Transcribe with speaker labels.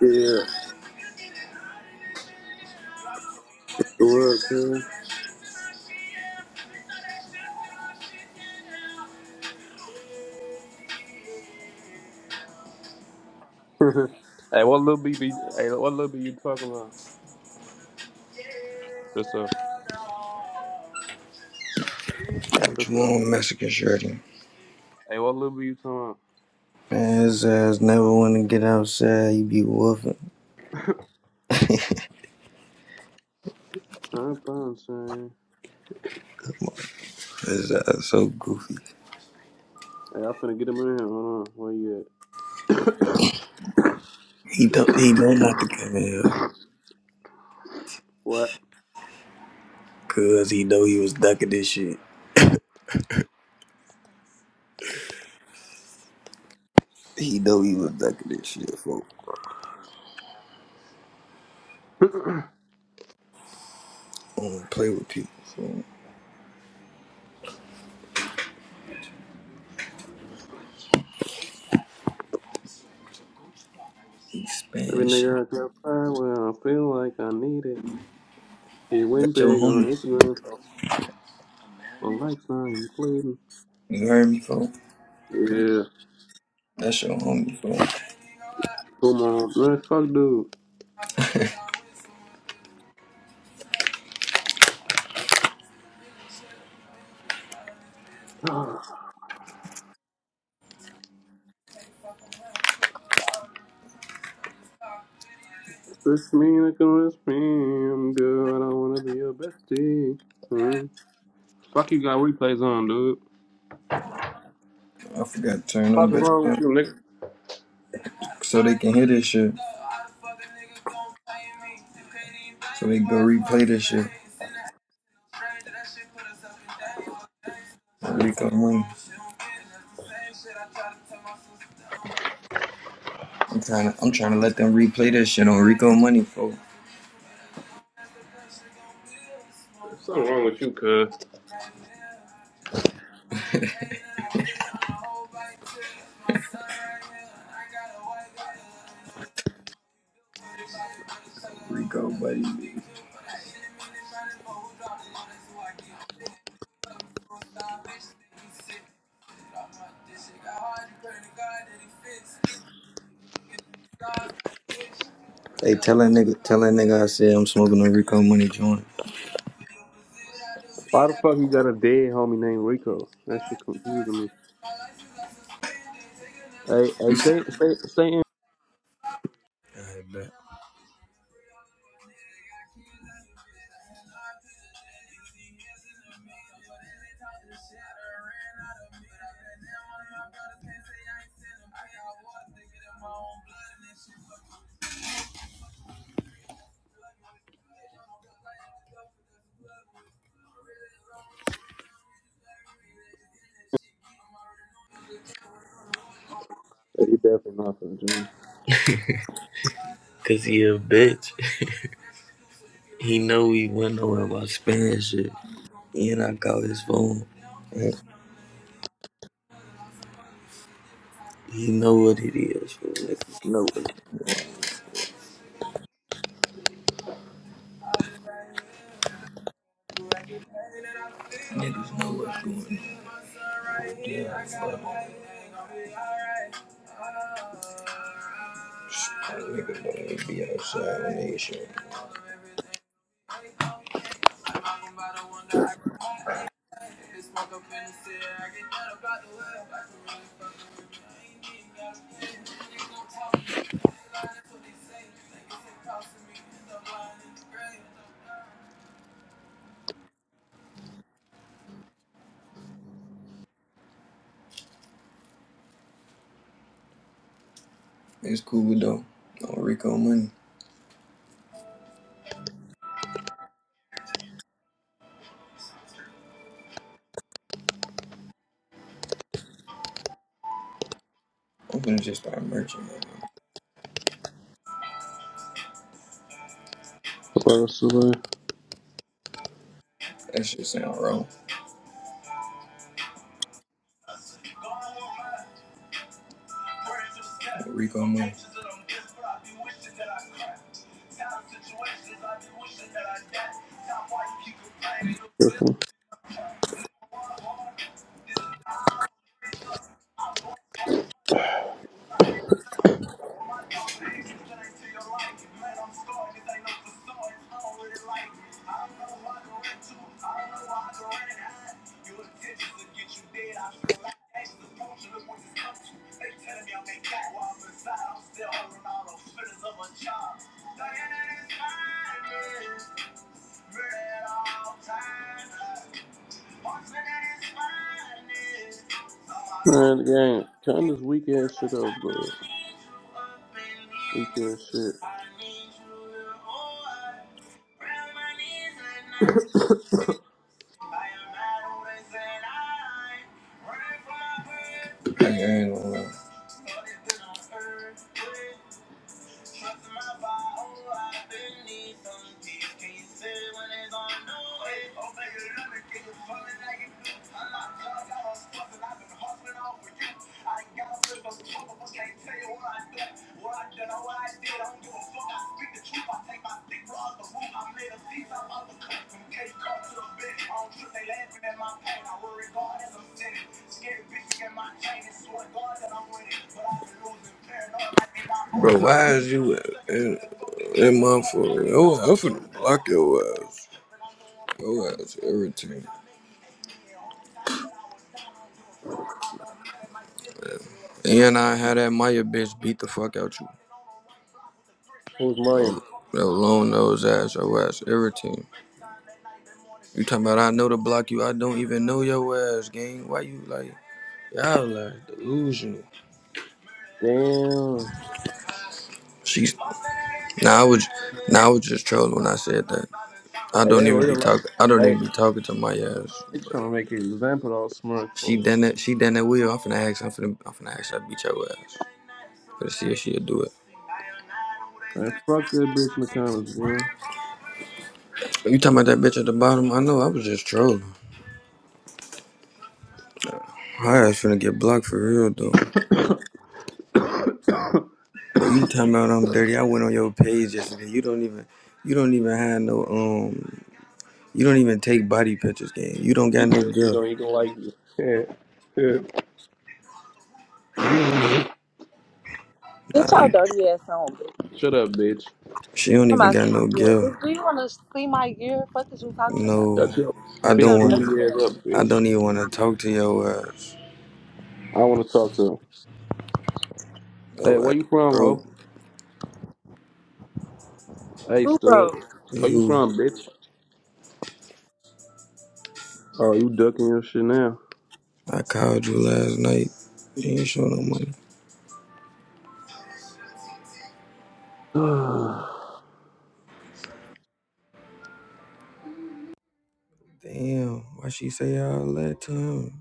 Speaker 1: Yeah, the world too. hey, what little B be? Hey, what little B you talking about? Just up. Hey,
Speaker 2: What
Speaker 1: just
Speaker 2: you
Speaker 1: up.
Speaker 2: want, Mexican shirty?
Speaker 1: Hey, what little B you talking
Speaker 2: Man, his ass never want to get outside. He be woofing.
Speaker 1: about? I'm fine, saying.
Speaker 2: His ass so goofy.
Speaker 1: Hey, I'm finna get him in here. Hold on. Where you at?
Speaker 2: He know, he know not to come in here.
Speaker 1: What?
Speaker 2: Cause he know he was ducking this shit. He know he was ducking this shit, folk. I Don't play with people, folk. He
Speaker 1: Every
Speaker 2: spam shit.
Speaker 1: nigga I got fire well, I feel like I need it. He went
Speaker 2: That's your
Speaker 1: big on
Speaker 2: homie.
Speaker 1: Instagram. On likes now, he's bleeding.
Speaker 2: You heard me, folk?
Speaker 1: Yeah.
Speaker 2: That's your homie, folk.
Speaker 1: Come on, man, fuck dude. Ah, this mean I can rest me. I'm good. I don't wanna be your bestie. Hmm. Fuck you got replays on, dude.
Speaker 2: I forgot to turn
Speaker 1: Fuck
Speaker 2: them
Speaker 1: is
Speaker 2: bitch
Speaker 1: wrong with
Speaker 2: up
Speaker 1: you, nigga?
Speaker 2: so they can hear this shit. So they go replay this shit. Rico and Wayne. I'm trying to, I'm trying to let them replay that shit on Rico Money, folks.
Speaker 1: something wrong with you, cuz.
Speaker 2: Rico, buddy. Hey, tell that nigga, tell that nigga I said I'm smoking a Rico Money joint.
Speaker 1: Why the fuck you got a dead homie named Rico? That shit confusing me. Hey, hey, stay, stay, stay in.
Speaker 2: I bet.
Speaker 1: Hey, you definitely not for the joint.
Speaker 2: Cause he a bitch. he know he went nowhere about spending shit. He and I call his phone. He he know what it is. fool. Niggas know what. Niggas know what's going on. Yeah, It's cool though. No Rico money. I'm finna just start merching right now.
Speaker 1: Close away.
Speaker 2: That shit sound wrong. No Rico money.
Speaker 1: Careful. Man, the game. Turn this weak ass shit up, bro. Weak ass shit.
Speaker 2: Bro, why is you in that motherfucker? Oh, I'm finna block your ass. Your ass irritating. And I had that Maya bitch beat the fuck out you.
Speaker 1: Who's Maya?
Speaker 2: Yo, yo long nose ass, your ass irritating. You talking about I know to block you, I don't even know your ass, gang. Why you like y'all like delusional?
Speaker 1: Damn.
Speaker 2: She's now I was now I was just trolling when I said that. I
Speaker 1: Hey,
Speaker 2: don't
Speaker 1: they
Speaker 2: even be
Speaker 1: real like.
Speaker 2: talking I don't
Speaker 1: Hey,
Speaker 2: even be talking to my ass,
Speaker 1: they
Speaker 2: but
Speaker 1: trying to make an example of all smirk
Speaker 2: she
Speaker 1: folks.
Speaker 2: done that she done that wheel. I'm finna ask I'm finna I'm finna ask her to beat your ass. Finna see if she'll do it.
Speaker 1: Man, fuck that bitch in the comments, boy.
Speaker 2: You talking about that bitch at the bottom? I know I was just trolling. Her ass finna get blocked for real though. Bro, you talking about I'm dirty. I went on your page yesterday. You don't even you don't even have no um you don't even take body pictures, gang. You don't
Speaker 1: You
Speaker 2: got no
Speaker 1: said she
Speaker 2: girl.
Speaker 1: don't even like you. Yeah. Yeah.
Speaker 2: Nah,
Speaker 3: This y'all
Speaker 2: you,
Speaker 3: dirty ass on, bitch.
Speaker 1: Shut up, bitch.
Speaker 2: she don't
Speaker 3: Come
Speaker 2: even
Speaker 3: out
Speaker 2: got
Speaker 3: some
Speaker 2: no
Speaker 3: gear.
Speaker 2: girl.
Speaker 3: Bitch, do you want to see my gear? Fuck is you talking about?
Speaker 2: No.
Speaker 1: Shut your
Speaker 2: I
Speaker 3: With
Speaker 2: don't
Speaker 1: big
Speaker 3: your
Speaker 2: want
Speaker 3: dirty
Speaker 1: booty ass
Speaker 3: ass.
Speaker 1: up,
Speaker 2: I
Speaker 1: bitch.
Speaker 2: don't even wanna talk to your ass.
Speaker 1: I want to talk to him. Hey,
Speaker 2: Your ass
Speaker 1: where you from,
Speaker 2: broke.
Speaker 1: ho? Hey,
Speaker 3: Who, bro?
Speaker 1: stud. Where you
Speaker 2: You
Speaker 1: from, bitch? Oh, you ducking your shit now.
Speaker 2: I called you last night. You ain't show no money. Damn, why she say all that to him?